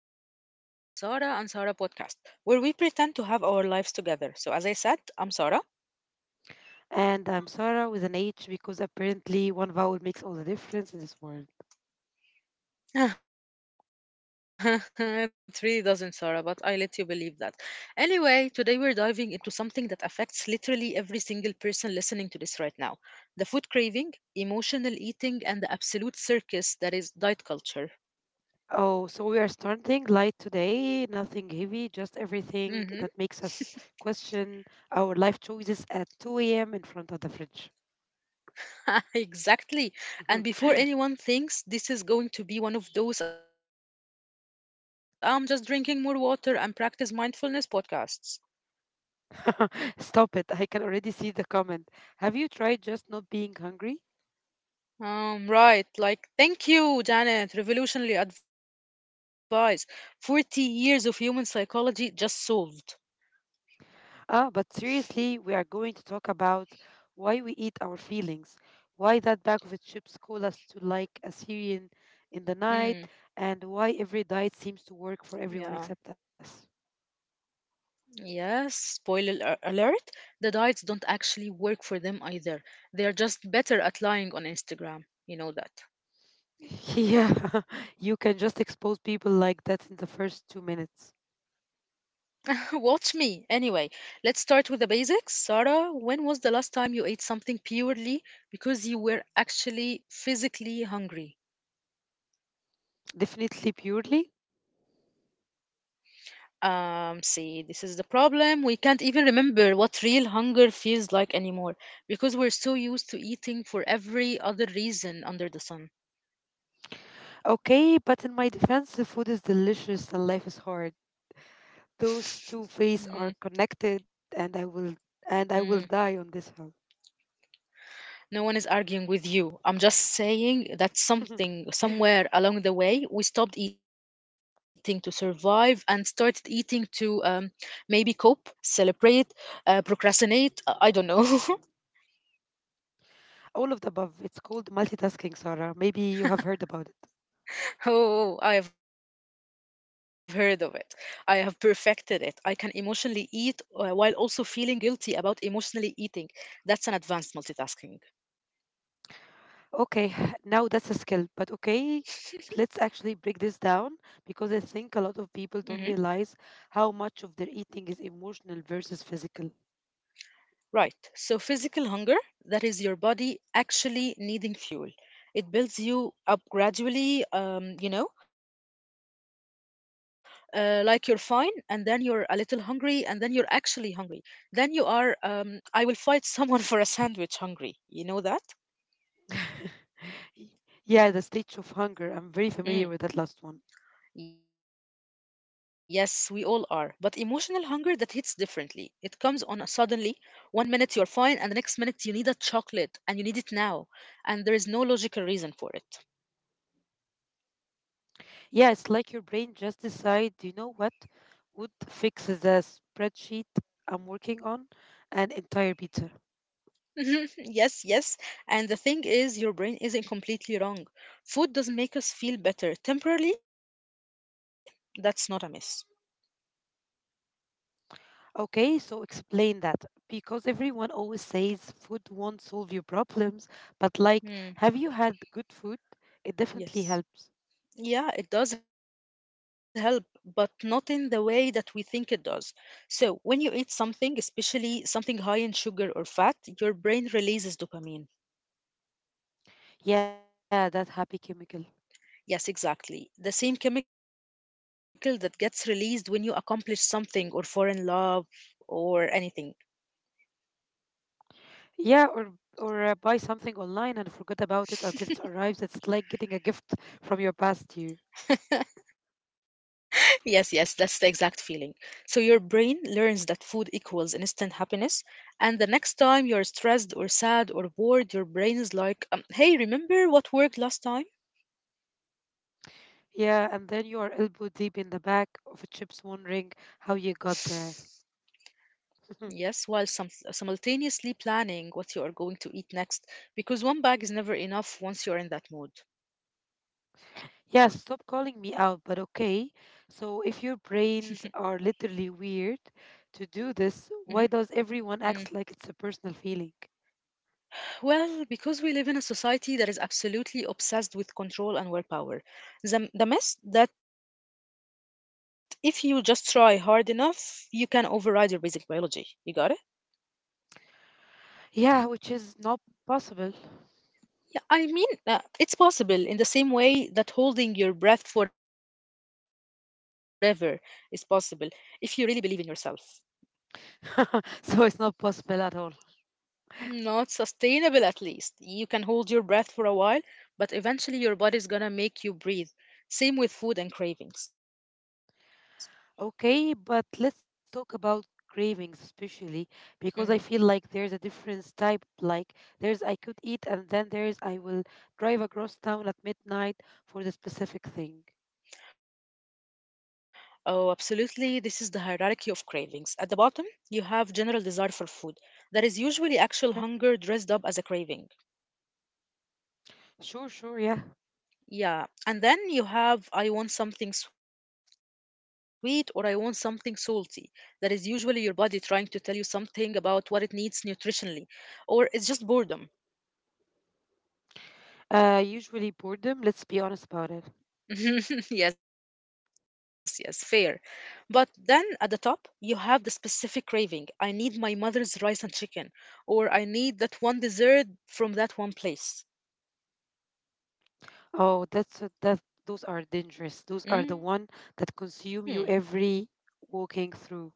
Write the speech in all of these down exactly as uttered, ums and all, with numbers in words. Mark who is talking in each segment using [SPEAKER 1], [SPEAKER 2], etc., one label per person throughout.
[SPEAKER 1] episode of Sarah and Sarah podcast, where we pretend to have our lives together. So, as I said, I'm Sarah.
[SPEAKER 2] And I'm Sarah with an H because apparently one vowel makes all the difference in this world.
[SPEAKER 1] It really doesn't, Sarah, but I let you believe that. Anyway, today we're diving into something that affects literally every single person listening to this right now, the food craving, emotional eating, and the absolute circus that is diet culture.
[SPEAKER 2] Oh, so we are starting light today, nothing heavy, just everything that makes
[SPEAKER 1] Mm-hmm.
[SPEAKER 2] us question our life choices at two a m in front of the fridge.
[SPEAKER 1] Exactly. And before anyone thinks this is going to be one of those I'm just drinking more water and practice mindfulness podcasts.
[SPEAKER 2] Stop it. I can already see the comment. Have you tried just not being hungry?
[SPEAKER 1] Um, right. Like, thank you, Janet. Revolutionary advice. forty years of human psychology just solved.
[SPEAKER 2] Ah, but seriously, we are going to talk about why we eat our feelings, why that bag of chips call us to like a Syrian in the night, and why
[SPEAKER 1] Mm,
[SPEAKER 2] every diet seems to
[SPEAKER 1] yeah.
[SPEAKER 2] work for everyone except us.
[SPEAKER 1] Yes. Spoiler a- alert. The diets don't actually work for them either. They are just better at lying on Instagram. You know that.
[SPEAKER 2] Yeah, you can just expose people like that in the first two minutes.
[SPEAKER 1] Watch me. Anyway, let's start with the basics. Sarah, when was the last time you ate something purely because you were actually physically hungry?
[SPEAKER 2] Definitely purely.
[SPEAKER 1] Um, see, this is the problem. We can't even remember what real hunger feels like anymore because we're so used to eating for every other reason under the sun.
[SPEAKER 2] Okay, but in my defense, the food is delicious and life is hard. Those two
[SPEAKER 1] Mm,
[SPEAKER 2] phases are connected, and I will and I will die
[SPEAKER 1] mm.
[SPEAKER 2] on this hill.
[SPEAKER 1] No one is arguing with you. I'm just saying that something, somewhere along the way, we stopped eating to survive and started eating to, um, maybe cope, celebrate, uh, procrastinate. uh, I don't know.
[SPEAKER 2] All of the above. It's called multitasking, Sarah. Maybe you have heard about it.
[SPEAKER 1] Oh, I have heard of it. I have perfected it. I can emotionally eat uh, while also feeling guilty about emotionally eating. That's an advanced multitasking.
[SPEAKER 2] Okay, now that's a skill. But okay, let's actually break this down because I
[SPEAKER 1] Mm-hmm.
[SPEAKER 2] think a lot of people don't realize how much of their eating is emotional versus physical.
[SPEAKER 1] Right. So, physical hunger, that is your body actually needing fuel. It builds you up gradually, um, you know, uh, like you're fine, and then you're a little hungry, and then you're actually hungry. Then you are, um, I will fight someone for a sandwich hungry. You know that?
[SPEAKER 2] Y- Yeah, the stage of hunger. I'm very
[SPEAKER 1] Mm.
[SPEAKER 2] familiar with that last one.
[SPEAKER 1] Yes, we all are. But emotional hunger that hits differently. It comes on a suddenly. One minute you're fine, and the next minute you need a chocolate, and you need it now, and there is no logical reason for it.
[SPEAKER 2] Yeah, it's like your brain just decide, you know what would fix the spreadsheet I'm working on? An entire pizza.
[SPEAKER 1] Mhm, yes, yes. And the thing is, your brain isn't completely wrong. Food doesn't make us feel better temporarily. That's not a miss.
[SPEAKER 2] Okay, so explain that because everyone always says food won't solve your problems, but
[SPEAKER 1] Mm,
[SPEAKER 2] like, have you had good food? It
[SPEAKER 1] yes.
[SPEAKER 2] definitely helps.
[SPEAKER 1] Yeah, it does help, but not in the way that we think it does. So, when you eat something, especially something high in sugar or fat, your brain releases dopamine.
[SPEAKER 2] Yeah, that happy chemical.
[SPEAKER 1] Yes, exactly. The same chemical that gets released when you accomplish something or fall in love or anything.
[SPEAKER 2] Yeah, or or uh, buy something online and forget about it until it arrives. It's like getting a gift from your past you.
[SPEAKER 1] Yes, yes, that's the exact feeling. So your brain learns that food equals instant happiness, and the next time you're stressed or sad or bored, your brain is like, um, "Hey, remember what worked last time?"
[SPEAKER 2] Yeah, and then you are elbow deep in the back of a chips wondering how you got there.
[SPEAKER 1] Yes, while some simultaneously planning what you are going to eat next, because one bag is never enough once you're in that mood.
[SPEAKER 2] Yeah, stop calling me out, but okay. So, if your brains are literally weird to do
[SPEAKER 1] Mm-hmm.
[SPEAKER 2] this, why does
[SPEAKER 1] Mm-hmm.
[SPEAKER 2] everyone act like it's a personal feeling?
[SPEAKER 1] Well, because we live in a society that is absolutely obsessed with control and willpower, the, the myth that if you just try hard enough, you can override your basic biology. You got it?
[SPEAKER 2] Yeah, which is not possible.
[SPEAKER 1] Yeah, I mean, uh, it's possible in the same way that holding your breath forever is possible if you really believe in yourself.
[SPEAKER 2] So, it's not possible at all.
[SPEAKER 1] Not sustainable, at least. You can hold your breath for a while, but eventually your body's gonna make you breathe. Same with food and cravings.
[SPEAKER 2] Okay, but let's talk about cravings, especially because
[SPEAKER 1] Mm.
[SPEAKER 2] I feel like there's a difference type. Like, there's I could eat, and then there's I will drive across town at midnight for the specific thing.
[SPEAKER 1] Oh, absolutely. This is the hierarchy of cravings. At the bottom, you have general desire for food. That is usually
[SPEAKER 2] Yeah,
[SPEAKER 1] actual hunger dressed up as a craving.
[SPEAKER 2] sure, sure, yeah.
[SPEAKER 1] Yeah. And then you have I want something sweet or I want something salty. That is usually your body trying to tell you something about what it needs nutritionally. Or it's just boredom.
[SPEAKER 2] Uh, usually boredom. Let's be honest about it.
[SPEAKER 1] Yes, yes, fair. But then at the top, you have the specific craving. I need my mother's rice and chicken, or I need that one dessert from that one place.
[SPEAKER 2] Oh, that's a, that. Those are dangerous. Those are the one that
[SPEAKER 1] Mm,
[SPEAKER 2] consume you every walking through.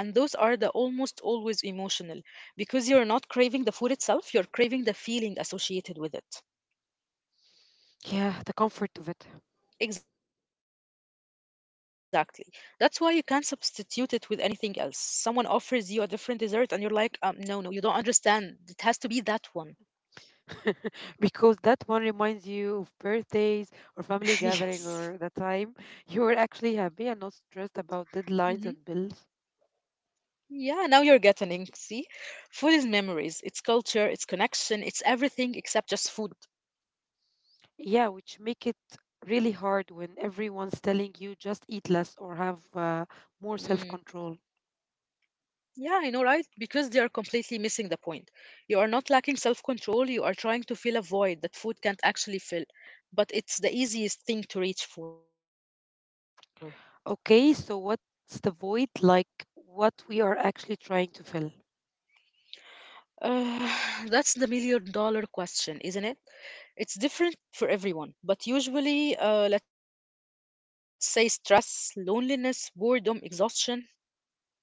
[SPEAKER 1] yeah, and those are the almost always emotional because you're not craving the food itself, you're craving the feeling associated with it.
[SPEAKER 2] Yeah, the comfort of it,
[SPEAKER 1] Exactly. That's why you can't substitute it with anything else. Someone offers you a different dessert, and you're like, um, no, no, you don't understand. It has to be that one.
[SPEAKER 2] because that one reminds you of birthdays or family gathering or the time you were actually
[SPEAKER 1] Yes.
[SPEAKER 2] happy and not stressed about deadlines and bills.
[SPEAKER 1] Hmm. Yeah, now you're getting it. See, food is memories, it's culture, it's connection, it's everything except just food.
[SPEAKER 2] Yeah, which make it really hard when everyone's telling you just eat less or have uh, more self
[SPEAKER 1] Mm.
[SPEAKER 2] control.
[SPEAKER 1] Yeah, I know, right? Because they are completely missing the point. You are not lacking self control, you are trying to fill a void that food can't actually fill. But it's the easiest thing to reach for.
[SPEAKER 2] Okay, so what's the void like what we are actually trying to fill?
[SPEAKER 1] Uh, that's the million dollar question, isn't it? It's different for everyone, but usually, uh, let's say stress, loneliness, boredom, exhaustion.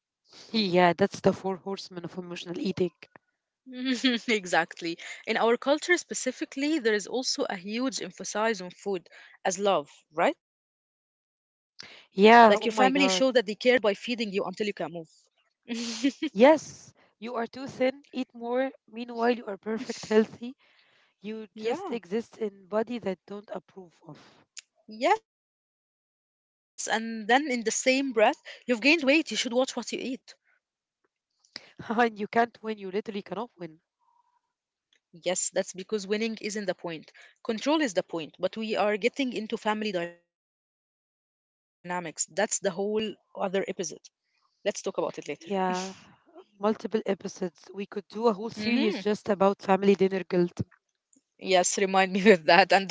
[SPEAKER 2] Yeah, that's the four horsemen of emotional eating.
[SPEAKER 1] Exactly. In our culture specifically, there is also a huge emphasis on food as love, right?
[SPEAKER 2] Yeah, oh
[SPEAKER 1] Like your
[SPEAKER 2] my god.
[SPEAKER 1] family show that they care by feeding you until you can move.
[SPEAKER 2] Yes, you are too thin, eat more. Meanwhile, you are perfect healthy. You just exist in body that don't
[SPEAKER 1] Yeah.
[SPEAKER 2] approve of.
[SPEAKER 1] Yes, and then in the same breath, you've gained weight, you should watch what you eat.
[SPEAKER 2] And you can't win, you literally cannot win.
[SPEAKER 1] Yes, that's because winning isn't the point. Control is the point, but we are getting into family dynamics. That's the whole other episode. Let's talk about it later.
[SPEAKER 2] Yeah, multiple episodes. We could do a whole series just about family
[SPEAKER 1] Mhm.
[SPEAKER 2] dinner guilt.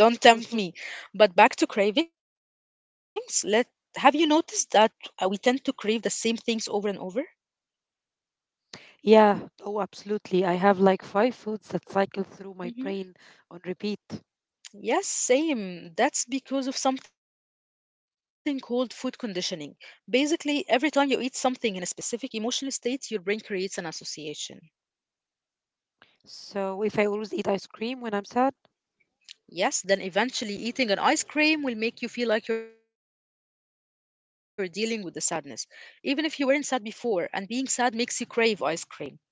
[SPEAKER 1] Yes, remind me with that and don't tempt me. But back to cravings, let have you noticed that uh, we tend to crave the same things over and over?
[SPEAKER 2] Yeah, oh, absolutely. I have like five foods that cycle through my brain on repeat.
[SPEAKER 1] Hmm. Yes, same. That's because of something called food conditioning. Basically, every time you eat something in a specific emotional state, your brain creates an association.
[SPEAKER 2] So if I always eat ice cream when I'm sad,
[SPEAKER 1] Yes, then eventually eating an ice cream will make you feel like you're dealing with the sadness. Even if you weren't sad before, and being sad makes you crave ice cream.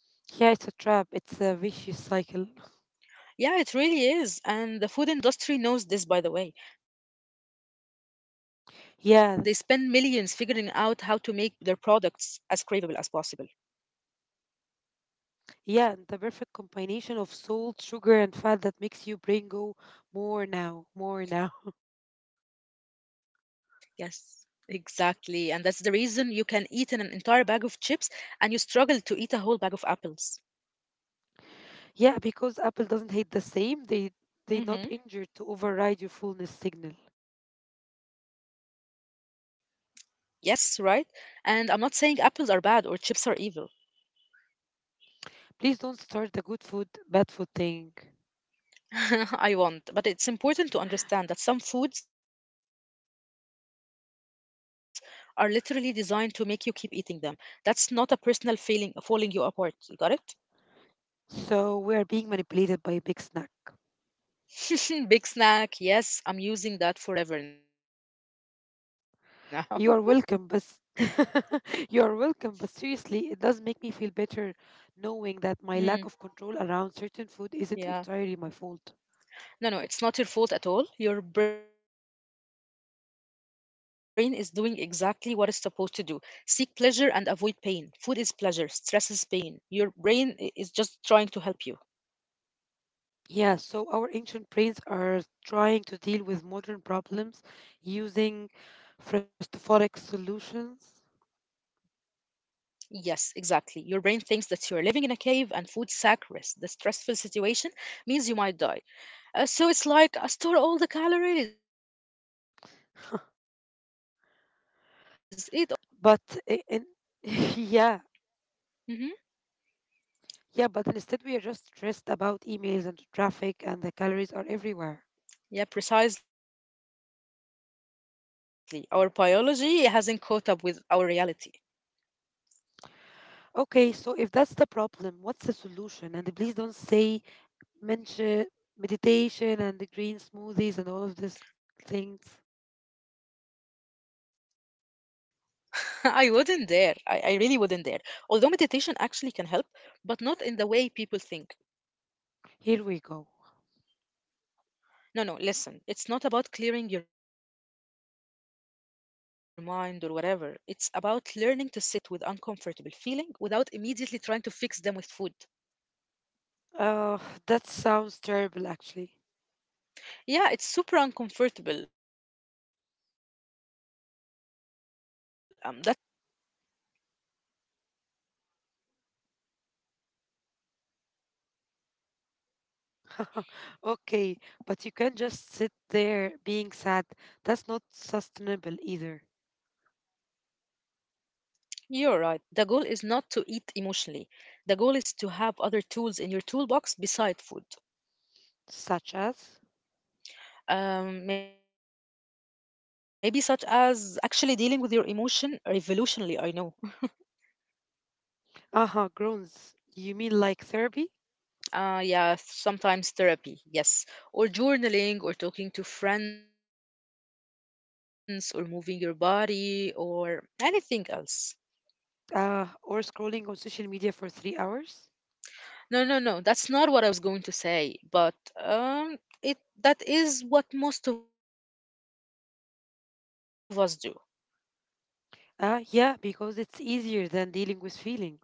[SPEAKER 2] yeah, it's a trap. It's a vicious cycle.
[SPEAKER 1] Yeah, it really is. And the food industry knows this, by the way. They spend millions
[SPEAKER 2] Yeah,
[SPEAKER 1] figuring out how to make their products as craveable as possible.
[SPEAKER 2] yeah, and the perfect combination of salt, sugar, and fat that makes you brain go more now, more now.
[SPEAKER 1] Yes, exactly. And that's the reason you can eat an entire bag of chips and you struggle to eat a whole bag of apples.
[SPEAKER 2] Yeah, because Apple doesn't hate the same. They they not injured to override your
[SPEAKER 1] Mm-hmm.
[SPEAKER 2] fullness signal.
[SPEAKER 1] Yes, right. And I'm not saying apples are bad or chips are evil.
[SPEAKER 2] Please don't start the good food, bad food thing.
[SPEAKER 1] I won't. But it's important to understand that some foods are literally designed to make you keep eating them. That's not a personal failing, falling you apart. You got it?
[SPEAKER 2] So we are being manipulated by a big snack.
[SPEAKER 1] Big snack. Yes, I'm using that forever now.
[SPEAKER 2] You are welcome, but you are welcome. But seriously, it does make me feel better knowing that my lack of control around
[SPEAKER 1] Mm,
[SPEAKER 2] certain food isn't entirely my fault.
[SPEAKER 1] yeah. No, no, it's not your fault at all. Your brain is doing exactly what it's supposed to do. Seek pleasure and avoid pain. Food is pleasure, stress is pain. Your brain i- is just trying to help you.
[SPEAKER 2] Yeah, so our ancient brains are trying to deal with modern problems using frustophoric solutions.
[SPEAKER 1] Yes, exactly. Your brain thinks that you're living in a cave and food saccharis, the stressful situation, means you might die. Uh, so it's like, "I store all the calories, eat all the things."
[SPEAKER 2] but i- in, yeah,
[SPEAKER 1] Mm-hmm.
[SPEAKER 2] yeah, but instead we are just stressed about emails and traffic, and the calories are everywhere.
[SPEAKER 1] Yeah, precisely. Our biology hasn't caught up with our reality.
[SPEAKER 2] Okay, so if that's the problem, what's the solution? And please don't say mention meditation and the green smoothies and all of these things.
[SPEAKER 1] I wouldn't dare. I, I really wouldn't dare. Although meditation actually can help, but not in the way people think.
[SPEAKER 2] Here we go.
[SPEAKER 1] No, no, listen. It's not about clearing your mind or whatever. It's about learning to sit with uncomfortable feeling without immediately trying to fix them with food.
[SPEAKER 2] Uh, that sounds terrible, actually.
[SPEAKER 1] Yeah, it's super uncomfortable. Um, that's why no one does it.
[SPEAKER 2] Okay, but you can't just sit there being sad. That's not sustainable either.
[SPEAKER 1] You're right. The goal is not to eat emotionally. The goal is to have other tools in your toolbox beside food.
[SPEAKER 2] Such as?
[SPEAKER 1] Um, maybe such as actually dealing with your emotion revolutionally, I know.
[SPEAKER 2] Uh huh. Groans. You mean like therapy?
[SPEAKER 1] Uh, yeah, sometimes therapy, yes. Or journaling, or talking to friends, or moving your body, or anything else.
[SPEAKER 2] Uh, or scrolling on social media for three hours?
[SPEAKER 1] No, no, no, that's not what I was going to say, but um, it that is what most of us do.
[SPEAKER 2] Uh, yeah, because it's easier than dealing with feelings.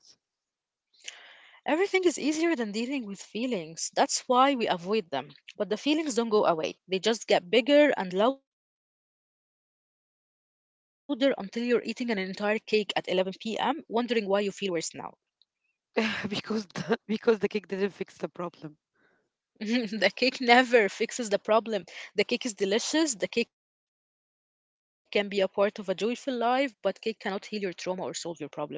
[SPEAKER 1] Everything is easier than dealing with feelings. That's why we avoid them. But the feelings don't go away. They just get bigger and louder until you're eating an entire cake at eleven p m, wondering why you feel worse now.
[SPEAKER 2] because the, because the kick didn't fix the problem.
[SPEAKER 1] The cake never fixes the problem. The cake is delicious, the cake can be a part of a joyful life, but cake cannot heal your trauma or solve your problems.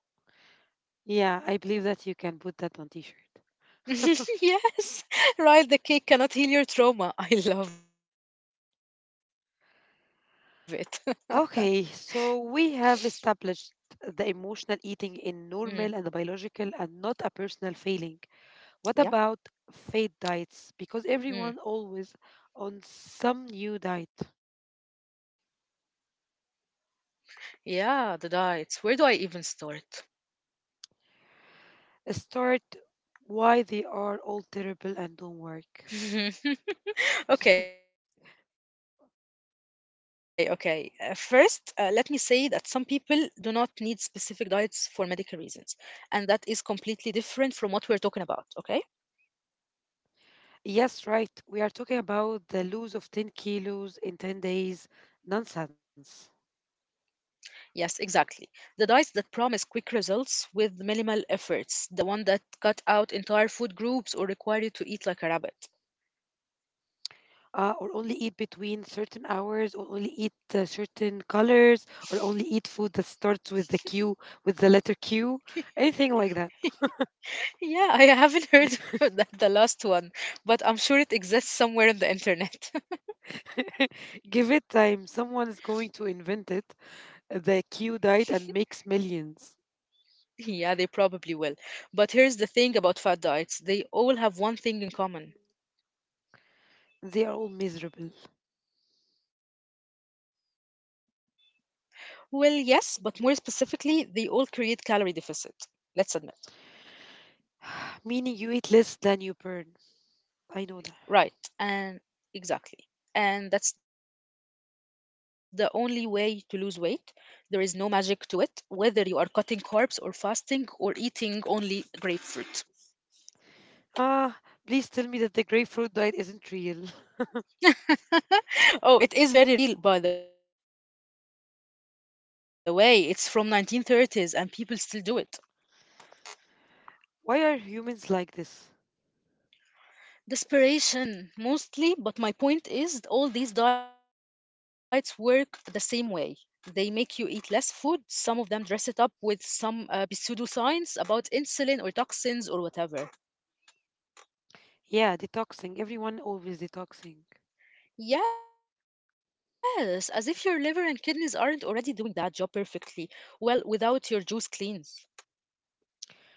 [SPEAKER 2] Yeah, I believe that you can put that on t-shirt.
[SPEAKER 1] Yes, right, the cake cannot heal your trauma. I love it.
[SPEAKER 2] Okay, so we have established the emotional eating in normal and
[SPEAKER 1] Mm,
[SPEAKER 2] biological and not a personal failing. What about
[SPEAKER 1] yeah.
[SPEAKER 2] fad diets? Because everyone always
[SPEAKER 1] Mm.
[SPEAKER 2] on some new diet.
[SPEAKER 1] Yeah, the diets. Where do I even start?
[SPEAKER 2] Start why they are all terrible and don't work.
[SPEAKER 1] Okay, okay. Uh, first, uh, let me say that some people do not need specific diets for medical reasons, and that is completely different from what we're talking about, okay?
[SPEAKER 2] Yes, right. We are talking about the lose of ten kilos in ten days nonsense.
[SPEAKER 1] Yes, exactly. The diets that promise quick results with minimal efforts, the one that cut out entire food groups or require you to eat like a rabbit.
[SPEAKER 2] Uh, or only eat between certain hours, or only eat uh, certain colors, or only eat food that starts with the q, with the letter q, anything like that.
[SPEAKER 1] Yeah, I haven't heard that the last one, but I'm sure it exists somewhere on the internet.
[SPEAKER 2] Give it time, someone is going to invent it, uh, the q diet and makes millions.
[SPEAKER 1] Yeah, they probably will. But here's the thing about fad diets, they all have one thing in common.
[SPEAKER 2] They are all miserable.
[SPEAKER 1] Well, yes, but more specifically, they all create calorie deficit. Let's admit.
[SPEAKER 2] Meaning you eat less than you burn. I know that.
[SPEAKER 1] Right, and exactly. And that's the only way to lose weight. There is no magic to it, whether you are cutting carbs or fasting or eating only grapefruit.
[SPEAKER 2] Ah, please tell me that the grapefruit diet isn't real.
[SPEAKER 1] Oh, it is very real, by the way. It's from nineteen thirties and people still do it.
[SPEAKER 2] Why are humans like this?
[SPEAKER 1] Desperation, mostly, but my point is all these diets work the same way. They make you eat less food. Some of them dress it up with some uh, pseudoscience about insulin or toxins or whatever.
[SPEAKER 2] Yeah, detoxing, everyone always detoxing.
[SPEAKER 1] Yes, as if your liver and kidneys aren't already doing that job perfectly. Well, without your juice cleanse.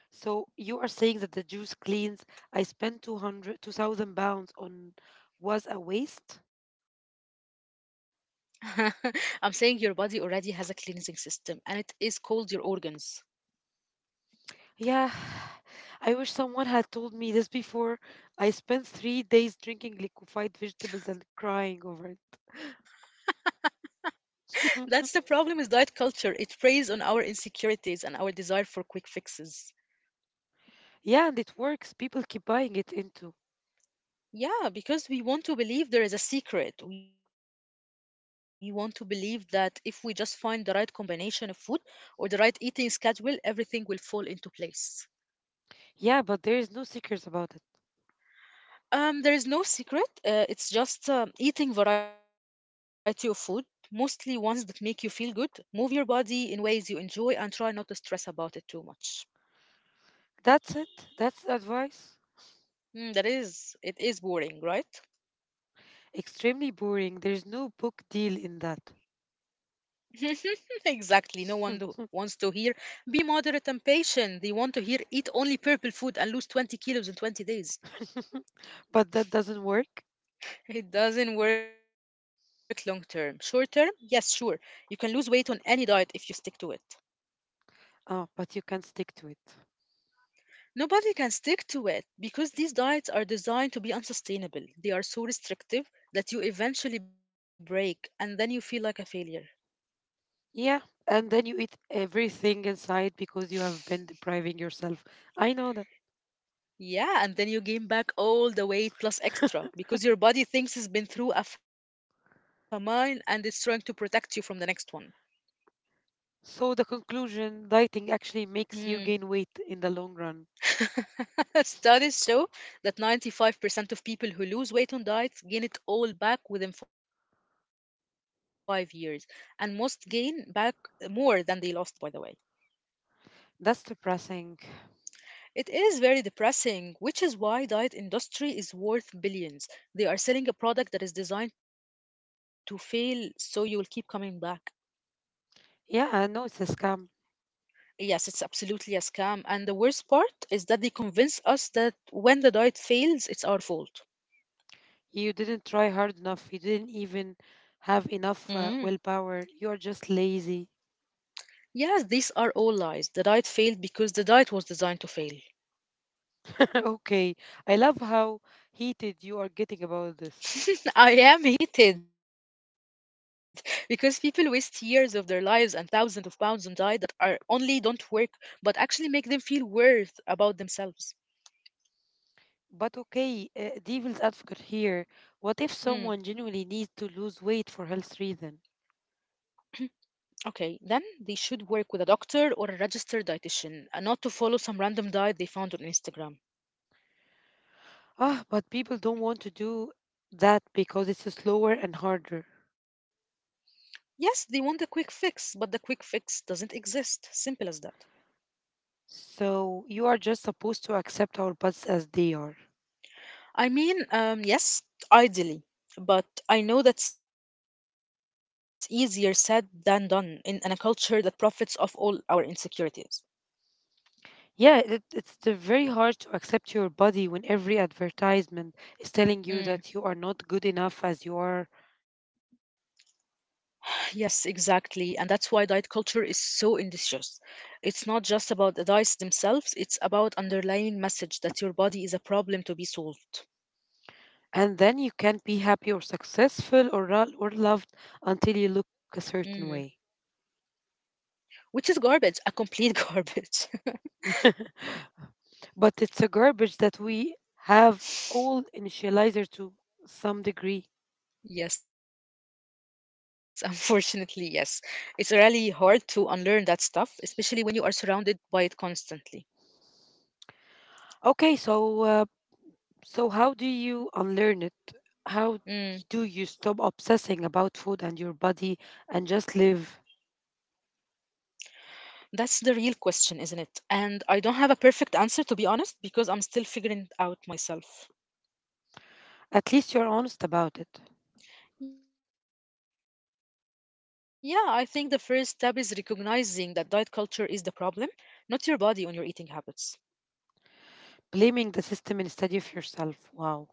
[SPEAKER 2] So you are saying that the juice cleans I spent two hundred, two thousand pounds on was a waste?
[SPEAKER 1] I'm saying your body already has a cleansing system and it is called your organs.
[SPEAKER 2] Yeah. I wish someone had told me this before. I spent three days drinking liquefied vegetables and crying over it.
[SPEAKER 1] That's the problem with diet culture. It preys on our insecurities and our desire for quick fixes.
[SPEAKER 2] Yeah, and it works. People keep buying it into.
[SPEAKER 1] Yeah, because we want to believe there is a secret. We want to believe that if we just find the right combination of food or the right eating schedule, everything will fall into place.
[SPEAKER 2] Yeah, but there is no secrets about it.
[SPEAKER 1] Um, there is no secret. Uh, it's just um, eating variety of food, mostly ones that make you feel good. Move your body in ways you enjoy and try not to stress about it too much.
[SPEAKER 2] That's it. That's the advice.
[SPEAKER 1] Mm, that is, it is boring, right?
[SPEAKER 2] Extremely boring. There's no book deal in that.
[SPEAKER 1] Exactly. No one do- wants to hear be moderate and patient. They want to hear eat only purple food and lose twenty kilos in twenty days.
[SPEAKER 2] But that doesn't work.
[SPEAKER 1] It doesn't work long term. Short term, yes, sure. You can lose weight on any diet if you stick to it.
[SPEAKER 2] Oh, but you can stick to it.
[SPEAKER 1] Nobody can stick to it because these diets are designed to be unsustainable. They are so restrictive that you eventually break and then you feel like a failure.
[SPEAKER 2] Yeah, and then you eat everything inside because you have been depriving yourself. I know that.
[SPEAKER 1] Yeah, and then you gain back all the weight plus extra because your body thinks it's been through a famine and it's trying to protect you from the next one.
[SPEAKER 2] So, the conclusion dieting actually
[SPEAKER 1] Mm.
[SPEAKER 2] makes you gain weight in the long run.
[SPEAKER 1] Studies show that ninety-five percent of people who lose weight on diets gain it all back within five years, and most gain back more than they lost, by the way.
[SPEAKER 2] That's depressing.
[SPEAKER 1] It is very depressing, which is why diet industry is worth billions. They are selling a product that is designed to fail so you will keep coming back.
[SPEAKER 2] Yeah, I know it's a scam.
[SPEAKER 1] Yes, it's absolutely a scam. And the worst part is that they convince us that when the diet fails, it's our fault.
[SPEAKER 2] You didn't try hard enough, you didn't even
[SPEAKER 1] Mm.
[SPEAKER 2] have enough uh, willpower. You are just lazy.
[SPEAKER 1] Yes, these are all lies. The diet failed because the diet was designed to fail.
[SPEAKER 2] Okay, I love how heated you are getting about this.
[SPEAKER 1] I am hated because people waste years of their lives and thousands of pounds on diet that are only don't work but actually make them feel worse about themselves.
[SPEAKER 2] But okay, uh, devil's advocate here. What if
[SPEAKER 1] Mm,
[SPEAKER 2] someone genuinely needs to lose weight for health reasons?
[SPEAKER 1] okay, then they should work with a doctor or a registered dietitian, and not to follow some random diet they found on Instagram.
[SPEAKER 2] Ah, but people don't want to do that because it's slower and harder.
[SPEAKER 1] Yes, they want a quick fix, but the quick fix doesn't exist. Simple as that.
[SPEAKER 2] So you are just supposed to accept our butts as they are.
[SPEAKER 1] I mean, um, yes, ideally, but I know that's easier said than done in, in a culture that profits off all our insecurities.
[SPEAKER 2] Yeah, it, it's the very hard to accept your body when every advertisement is telling you that you
[SPEAKER 1] Mm.
[SPEAKER 2] are not good enough as you are,
[SPEAKER 1] Yes, exactly. And that's why diet culture is so industrious. It's not just about the diets themselves, it's about underlying message that your body is a problem to be solved.
[SPEAKER 2] and then you can't be happy or successful or ro- or loved until you look a
[SPEAKER 1] Mm.
[SPEAKER 2] certain way.
[SPEAKER 1] Which is garbage, a complete garbage.
[SPEAKER 2] But it's a garbage that we have all initializer to some degree.
[SPEAKER 1] Yes, unfortunately, yes. It's really hard to unlearn that stuff, especially when you are surrounded by it constantly.
[SPEAKER 2] Okay, so. Uh, So, how do you unlearn it? How do you stop obsessing about food
[SPEAKER 1] Mm,
[SPEAKER 2] and your body and just live?
[SPEAKER 1] that's the real question, isn't it? And I don't have a perfect answer, to be honest, because I'm still figuring it out
[SPEAKER 2] At least you're
[SPEAKER 1] myself.
[SPEAKER 2] honest about it.
[SPEAKER 1] Yeah, I think the first step is recognizing that diet culture is the problem, not your body on your eating habits.
[SPEAKER 2] Blaming the system instead of yourself. Wow.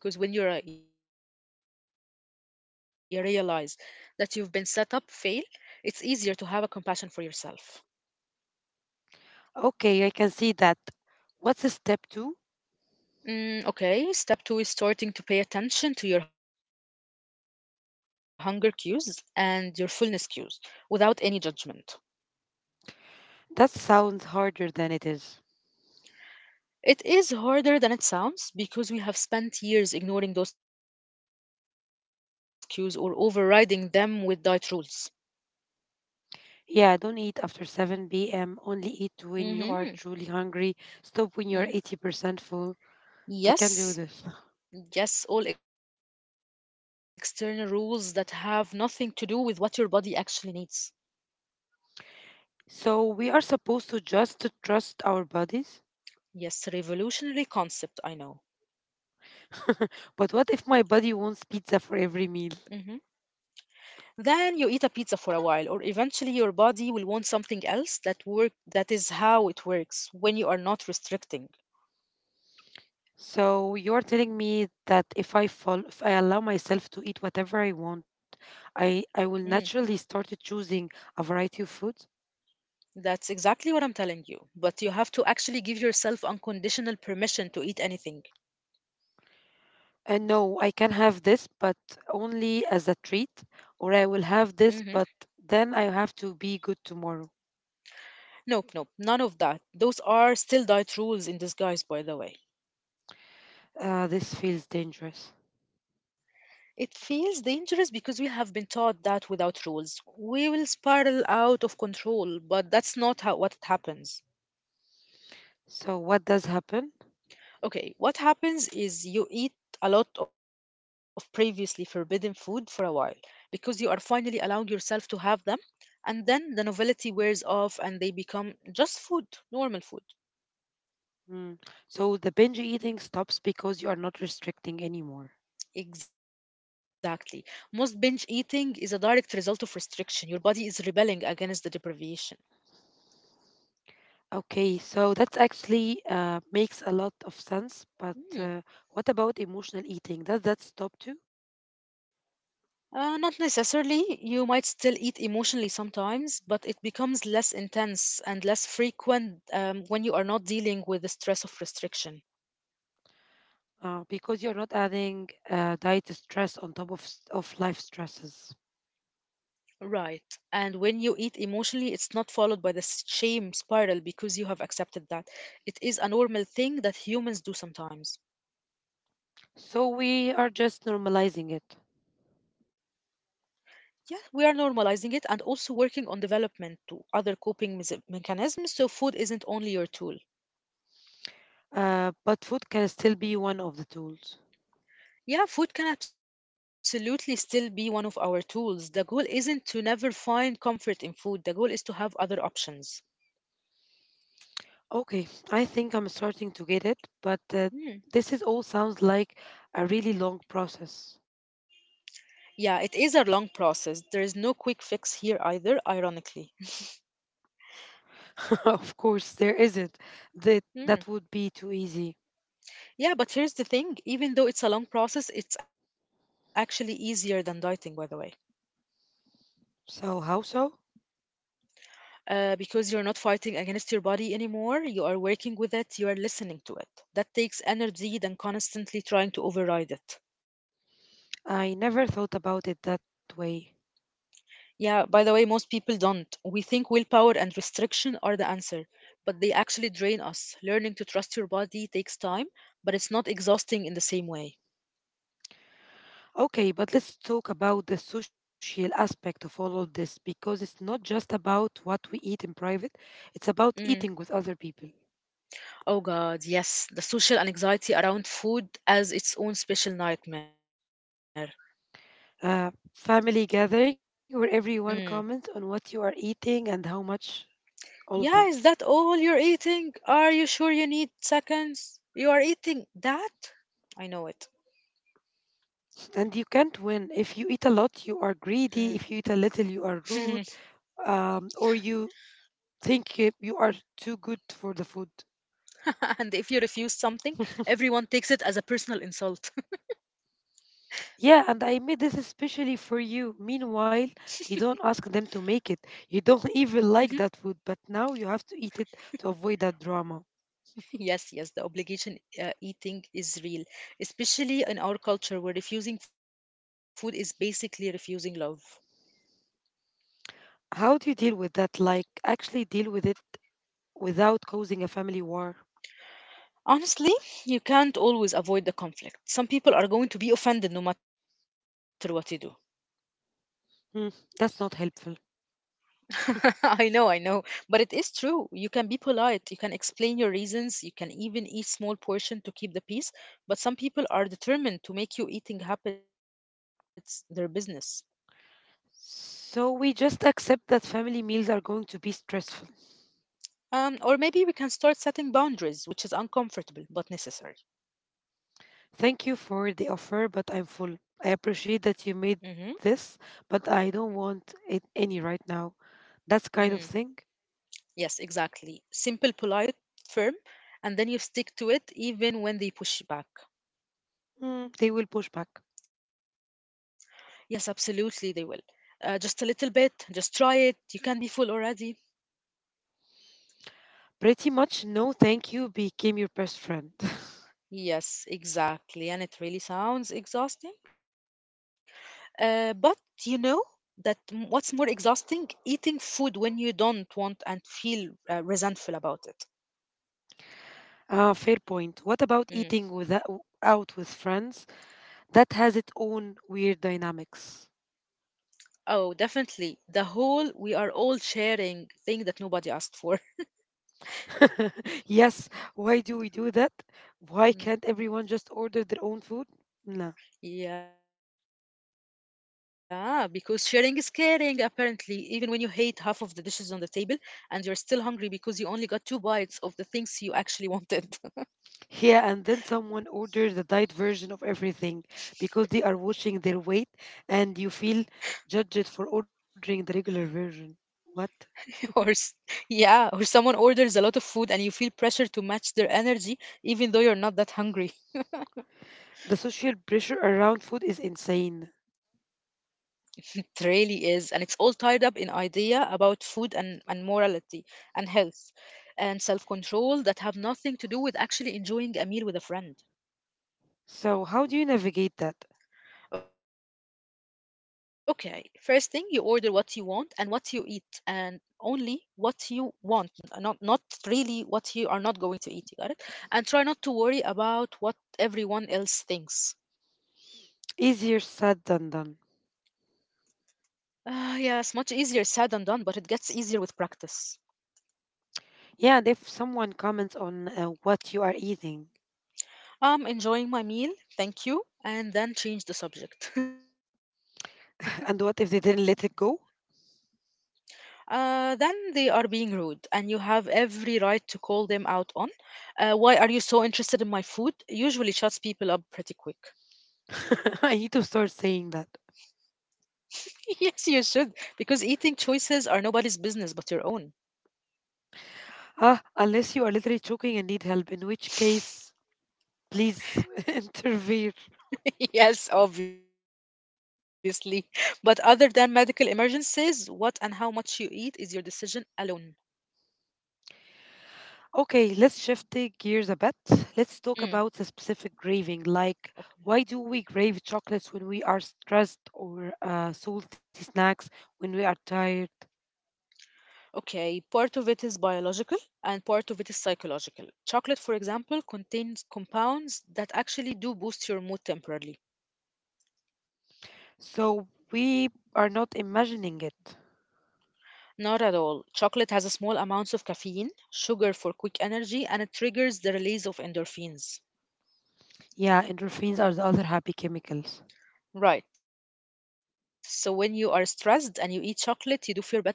[SPEAKER 1] Yes, yes, exactly. Because when you re- you realize that you've been set up fail, it's easier to have a compassion for yourself.
[SPEAKER 2] Okay, I can see that. What's the step two?
[SPEAKER 1] Mm, okay, step two is starting to pay attention to your hunger cues and your fullness cues without any judgment.
[SPEAKER 2] That sounds harder than it is.
[SPEAKER 1] It is harder than it sounds because we have spent years ignoring those cues or overriding them with diet rules.
[SPEAKER 2] Yeah, don't eat after seven p m. Only eat when you are truly
[SPEAKER 1] Hmm.
[SPEAKER 2] hungry. Stop when you're eighty percent full. I can do this.
[SPEAKER 1] Yes, yes, all external rules that have nothing to do with what your body actually needs.
[SPEAKER 2] So we are supposed to just to trust our bodies?
[SPEAKER 1] Yes, revolutionary concept, I know.
[SPEAKER 2] But what if my body wants pizza for
[SPEAKER 1] Mm-hmm.
[SPEAKER 2] every meal?
[SPEAKER 1] Then you eat a pizza for a while, or eventually your body will want something else that work that is how it works when you are not restricting.
[SPEAKER 2] So you're telling me that if I fall, if I allow myself to eat whatever I want, I
[SPEAKER 1] Mm,
[SPEAKER 2] I will naturally start choosing a variety of foods.
[SPEAKER 1] that's exactly what I'm telling you. But you have to actually give yourself unconditional permission to eat anything.
[SPEAKER 2] And no, I can have this, but only as a treat, or I will
[SPEAKER 1] Hmm.
[SPEAKER 2] have this, but then I have to be good tomorrow.
[SPEAKER 1] Nope, nope, none of that. Those are still diet rules in disguise, by the way.
[SPEAKER 2] Uh, this feels dangerous.
[SPEAKER 1] It feels dangerous because we have been taught that without rules, we will spiral out of control, but that's not how what happens.
[SPEAKER 2] So what does happen?
[SPEAKER 1] Okay, what happens is you eat a lot of previously forbidden food for a while because you are finally allowing yourself to have them, and then the novelty wears off and they become just food, normal food.
[SPEAKER 2] Mm. So the binge eating stops because you are not restricting anymore.
[SPEAKER 1] Exactly. Most binge eating is a direct result of restriction. Your body is rebelling against the deprivation.
[SPEAKER 2] Okay, so that actually uh, makes a lot of sense. But
[SPEAKER 1] Hmm.
[SPEAKER 2] uh, what about emotional eating? Does that stop too?
[SPEAKER 1] Uh, not necessarily. You might still eat emotionally sometimes, but it becomes less intense and less frequent um, when you are not dealing with the stress of restriction.
[SPEAKER 2] Uh, because you're not adding uh, diet stress on top of s- of life stresses.
[SPEAKER 1] Right. And when you eat emotionally, it's not followed by the s- shame spiral because you have accepted that. It is a normal thing that humans do sometimes.
[SPEAKER 2] So we are just normalizing it.
[SPEAKER 1] Yeah, we are normalizing it and also working on development to other coping mes- mechanisms so food isn't only your tool.
[SPEAKER 2] Uh, but food can still be one of the tools.
[SPEAKER 1] Yeah, food can absolutely still be one of our tools. The goal isn't to never find comfort in food, the goal is to have other options.
[SPEAKER 2] Okay, I think I'm starting to get it. But uh,
[SPEAKER 1] Hmm.
[SPEAKER 2] this is all sounds like a really long process.
[SPEAKER 1] Yeah, it is a long process. There is no quick fix here either, ironically.
[SPEAKER 2] Of course, there isn't. That that would be too easy.
[SPEAKER 1] Yeah, but here's the thing even though it's a long process, it's actually easier than dieting, by the way.
[SPEAKER 2] So how so?
[SPEAKER 1] Uh, because you're not fighting against your body anymore, you are working with it, you are listening to it. That takes energy than constantly trying to override it.
[SPEAKER 2] I never thought about it that way.
[SPEAKER 1] Yeah, by the way, most people don't. We think willpower and restriction are the answer, but they actually drain us. Learning to trust your body takes time, but it's not exhausting in the same way.
[SPEAKER 2] Okay, but let's talk about the social aspect of all of this because it's not just about what we eat in private, it's about
[SPEAKER 1] Mm.
[SPEAKER 2] eating with other people.
[SPEAKER 1] Oh God, yes, the social anxiety around food as its own special nightmare.
[SPEAKER 2] Uh, family gathering where everyone
[SPEAKER 1] Mm.
[SPEAKER 2] comments on what you are eating and how much, all of that.
[SPEAKER 1] Yeah, is that all you're eating? Are you sure you need seconds? You are eating that? I know it.
[SPEAKER 2] And you can't win. If you eat a lot, you are greedy. If you eat a little,
[SPEAKER 1] Mm.
[SPEAKER 2] you are rude. Um, or you think uh, you are too good for the food.
[SPEAKER 1] And if you refuse something, everyone takes it as a personal insult.
[SPEAKER 2] Yeah, and I made this especially for you. Meanwhile, you don't ask them to make it. You don't
[SPEAKER 1] Mhm.
[SPEAKER 2] even like that food, but now you have to eat it to avoid that drama.
[SPEAKER 1] Yes, yes, the obligation uh, eating is real, especially in our culture where refusing food is basically refusing love.
[SPEAKER 2] How do you deal with that? Like, actually deal with it without causing a family war?
[SPEAKER 1] Honestly, you can't always avoid the conflict. Some people are going to be offended no matter what you do.
[SPEAKER 2] Hmm, that's not helpful.
[SPEAKER 1] I know, I know, but it is true. You can be polite, you can explain your reasons, you can even eat small portion to keep the peace, but some people are determined to make you eating habits their business.
[SPEAKER 2] So we just accept that family meals are going to be stressful.
[SPEAKER 1] Um, or maybe we can start setting boundaries, which is uncomfortable but necessary.
[SPEAKER 2] Thank you for the offer, but I'm full. I
[SPEAKER 1] Mm-hmm.
[SPEAKER 2] appreciate that you made this, but I don't want it any right now. That's
[SPEAKER 1] Mm.
[SPEAKER 2] kind of thing.
[SPEAKER 1] Yes, exactly. Simple, polite, firm, and then you stick to it even when they push back.
[SPEAKER 2] Mm, they will push back.
[SPEAKER 1] Yes, absolutely, they will. Uh, just a little bit, just try it. You can be full already.
[SPEAKER 2] Pretty much, no thank you became your best friend.
[SPEAKER 1] Yes, exactly. And it really sounds exhausting. Uh, but you know that m- what's more exhausting? Eating food when you don't want and feel uh, resentful about it.
[SPEAKER 2] Ah, fair point. What about
[SPEAKER 1] Mm.
[SPEAKER 2] eating with, out with friends? That has its own weird dynamics.
[SPEAKER 1] Oh, definitely. The whole we are all sharing thing that nobody asked for.
[SPEAKER 2] Yes, why do we do that? Why
[SPEAKER 1] Mm.
[SPEAKER 2] can't everyone just order their own food? No.
[SPEAKER 1] Yeah, because sharing is caring, apparently. Even when you hate half of the dishes on the table and you're still hungry because you only got two bites of the things you actually wanted.
[SPEAKER 2] Yeah, and then someone orders the diet version of everything because they are watching their weight and you feel judged for ordering the regular version. What?
[SPEAKER 1] Or, s- yeah, or someone orders a lot of food and you feel pressure to match their energy, even though you're not that hungry.
[SPEAKER 2] The social pressure around food is insane.
[SPEAKER 1] It really is. And it's all tied up in idea about food and, and morality and health and self control that have nothing to do with actually enjoying a meal with a friend.
[SPEAKER 2] So, how do you navigate that?
[SPEAKER 1] Okay, first thing, you order what you want and what you eat, and only what you want, n- not not really what you are not going to eat. You got it? And try not to worry about what everyone else thinks.
[SPEAKER 2] Easier said than done.
[SPEAKER 1] Ah, yes, much easier said than done, but it gets easier with practice.
[SPEAKER 2] Yeah, and if someone comments on uh, what you are eating,
[SPEAKER 1] I'm enjoying my meal, thank you, and then change the subject.
[SPEAKER 2] and what if they didn't let it go?
[SPEAKER 1] Uh, then they are being rude, and you have every right to call them out on. Uh, why are you so interested in my food? Usually shuts people up pretty quick.
[SPEAKER 2] I need to start saying that.
[SPEAKER 1] Yes, you should, because eating choices are nobody's business but your own.
[SPEAKER 2] Ah, unless you are literally choking and need help, in which case, please intervene.
[SPEAKER 1] Yes, obviously. But other than medical emergencies, what and how much you eat is your decision alone.
[SPEAKER 2] Okay, let's shift the gears a bit. Let's
[SPEAKER 1] Mm.
[SPEAKER 2] talk about the specific craving. Like, why do we crave chocolates when we are stressed or uh, salty snacks when we are tired?
[SPEAKER 1] Okay, part of it is biological and part of it is psychological. Chocolate, for example, contains compounds that actually do boost your mood temporarily.
[SPEAKER 2] So we are not imagining it.
[SPEAKER 1] Not at all. Chocolate has a small amounts of caffeine, sugar for quick energy, and it triggers the release of endorphins.
[SPEAKER 2] Yeah, endorphins are the other happy chemicals.
[SPEAKER 1] Right, so when you are stressed and you eat chocolate, you do feel better temporarily.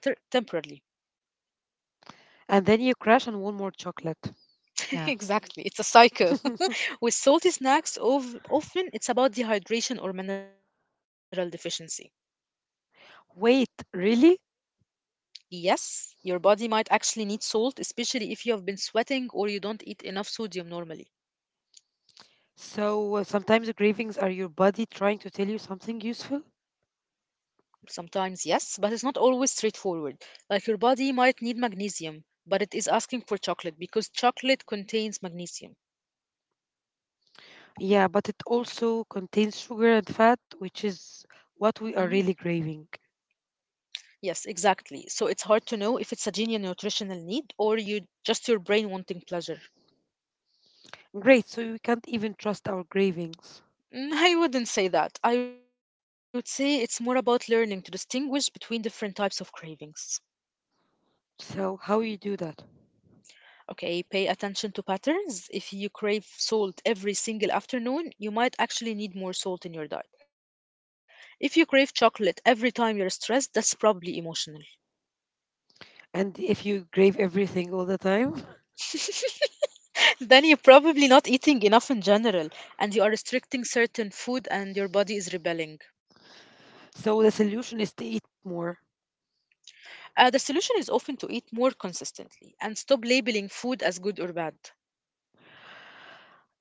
[SPEAKER 2] And then you crash on one more chocolate. Yeah.
[SPEAKER 1] Exactly, it's a cycle. With salty snacks, of, often it's about dehydration or mineral deficiency.
[SPEAKER 2] Wait, really?
[SPEAKER 1] Yes, your body might actually need salt, especially if you have been sweating or you don't eat enough sodium normally.
[SPEAKER 2] So uh, sometimes the cravings are your body trying to tell you something useful?
[SPEAKER 1] Sometimes, yes, but it's not always straightforward. Like your body might need magnesium, but it is asking for chocolate because chocolate contains magnesium.
[SPEAKER 2] Yeah, but it also contains sugar and fat, which
[SPEAKER 1] Mhm.
[SPEAKER 2] is what we are really craving.
[SPEAKER 1] Yes, exactly. So it's hard to know if it's a genuine nutritional need or you just your brain wanting pleasure.
[SPEAKER 2] Great, so we can't even trust our cravings.
[SPEAKER 1] Mm, I wouldn't say that. I would say it's more about learning to distinguish between different types of cravings.
[SPEAKER 2] So how you do that?
[SPEAKER 1] Okay, pay attention to patterns. If you crave salt every single afternoon, you might actually need more salt in your diet. If you crave chocolate every time you're stressed, that's probably emotional.
[SPEAKER 2] And if you crave everything all the time,
[SPEAKER 1] Then you're probably not eating enough in general, and you are restricting certain food, and your body is rebelling.
[SPEAKER 2] so the solution is to eat more.
[SPEAKER 1] Uh, the solution is often to eat more consistently and stop labeling food as good or bad.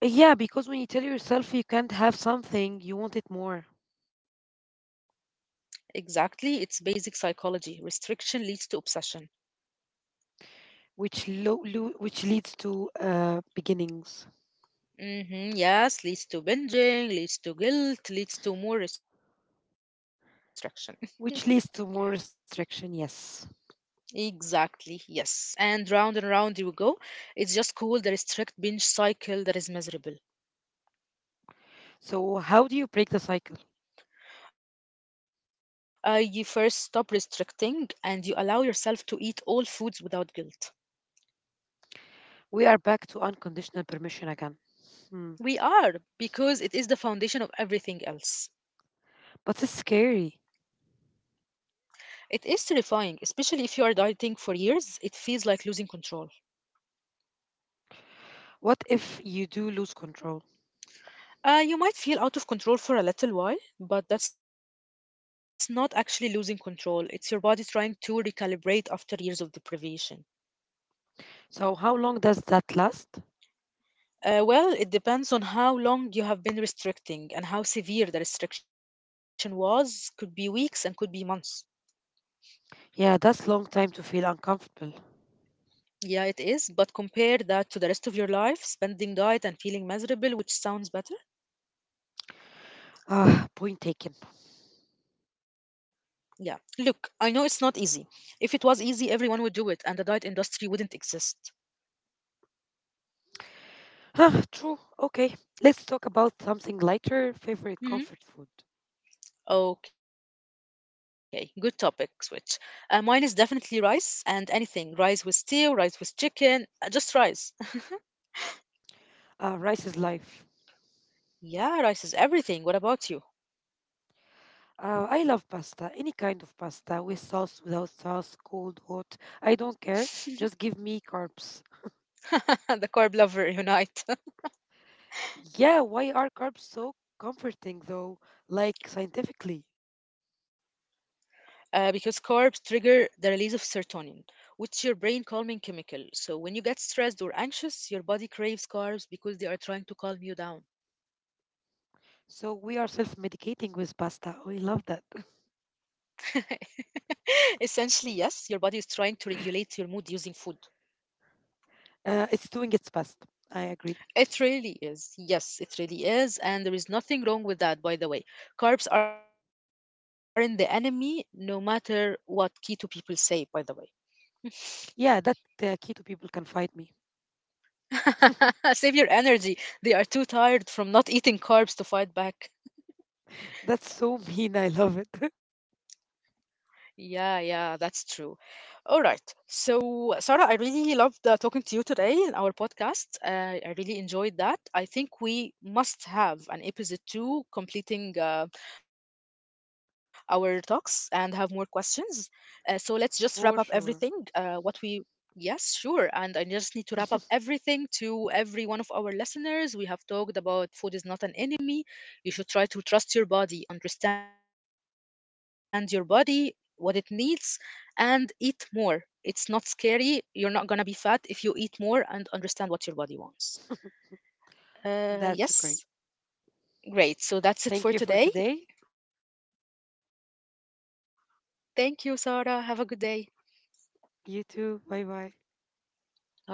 [SPEAKER 2] Yeah, because when you tell yourself you can't have something, you want it more,
[SPEAKER 1] Exactly, it's basic psychology. Restriction leads to obsession.
[SPEAKER 2] which lo- lo- which leads to uh, beginnings,
[SPEAKER 1] Mm-hmm, yes, leads to binging, leads to guilt, leads to more restriction.
[SPEAKER 2] which leads to more restriction. Yes.
[SPEAKER 1] Exactly, yes. And round and round you go. It's just called the restrict binge cycle that is miserable.
[SPEAKER 2] So how do you break the cycle?
[SPEAKER 1] Uh, you first stop restricting and you allow yourself to eat all foods without guilt.
[SPEAKER 2] We are back to unconditional permission again. Hmm.
[SPEAKER 1] We are, because it is the foundation of everything else.
[SPEAKER 2] But it's scary.
[SPEAKER 1] It is terrifying, especially if you are dieting for years. It feels like losing control.
[SPEAKER 2] What if you do lose control?
[SPEAKER 1] Uh, you might feel out of control for a little while, but that's not actually losing control. It's your body trying to recalibrate after years of deprivation.
[SPEAKER 2] So how long does that last?
[SPEAKER 1] Uh, well, it depends on how long you have been restricting and how severe the restriction was. Could be weeks and could be months.
[SPEAKER 2] Yeah, that's long time to feel uncomfortable.
[SPEAKER 1] Yeah, it is, but compare that to the rest of your life, spending diet and feeling miserable, which sounds better.
[SPEAKER 2] Ah, point taken.
[SPEAKER 1] Yeah. Look, I know it's not easy. If it was easy, everyone would do it and the diet industry wouldn't exist.
[SPEAKER 2] Huh, true. Okay, let's talk about something lighter. Favorite
[SPEAKER 1] Mm-hmm.
[SPEAKER 2] comfort food.
[SPEAKER 1] Okay, good topic switch. Uh, mine is definitely rice and anything. Rice with stew, rice with chicken, uh, just rice.
[SPEAKER 2] Uh, rice is life.
[SPEAKER 1] Yeah, rice is everything. What about you?
[SPEAKER 2] Uh, I love pasta, any kind of pasta, with sauce, without sauce, cold, hot. I don't care. Just give me carbs.
[SPEAKER 1] The carb lover unite.
[SPEAKER 2] Yeah, why are carbs so comforting though? Like scientifically.
[SPEAKER 1] Uh, because carbs trigger the release of serotonin, which your brain calming chemical. So when you get stressed or anxious, your body craves carbs because they are trying to calm you down.
[SPEAKER 2] So we are self medicating with pasta. We love that.
[SPEAKER 1] Essentially, yes, your body is trying to regulate your mood using food.
[SPEAKER 2] Uh, it's doing its best. I agree.
[SPEAKER 1] It really is. Yes, it really is. And there is nothing wrong with that, by the way. Carbs aren't the enemy, no matter what keto people say, by the way.
[SPEAKER 2] Yeah, that uh, keto people can fight me.
[SPEAKER 1] Save your energy. They are too tired from not eating carbs to fight back.
[SPEAKER 2] That's so mean. I love it.
[SPEAKER 1] Yeah, yeah, that's true. All right. So, Sarah, I really loved uh, talking to you today in our podcast. Uh, I really enjoyed that. I think we must have an episode two completing uh, our talks and have more questions. Uh, so, let's just wrap up everything.
[SPEAKER 2] For sure.
[SPEAKER 1] Uh, what we, yes, sure. And I just need to wrap up everything to every one of our listeners. We have talked about food is not an enemy. You should try to trust your body, understand your body, what it needs, and eat more, it's not scary. You're not going to be fat if you eat more and understand what your body wants. Uh,
[SPEAKER 2] That's
[SPEAKER 1] yes.
[SPEAKER 2] great.
[SPEAKER 1] Great. So that's it for
[SPEAKER 2] Thank you for
[SPEAKER 1] today.
[SPEAKER 2] today.
[SPEAKER 1] Thank you, Sarah. Have a good day.
[SPEAKER 2] You too. Bye bye.
[SPEAKER 1] Bye.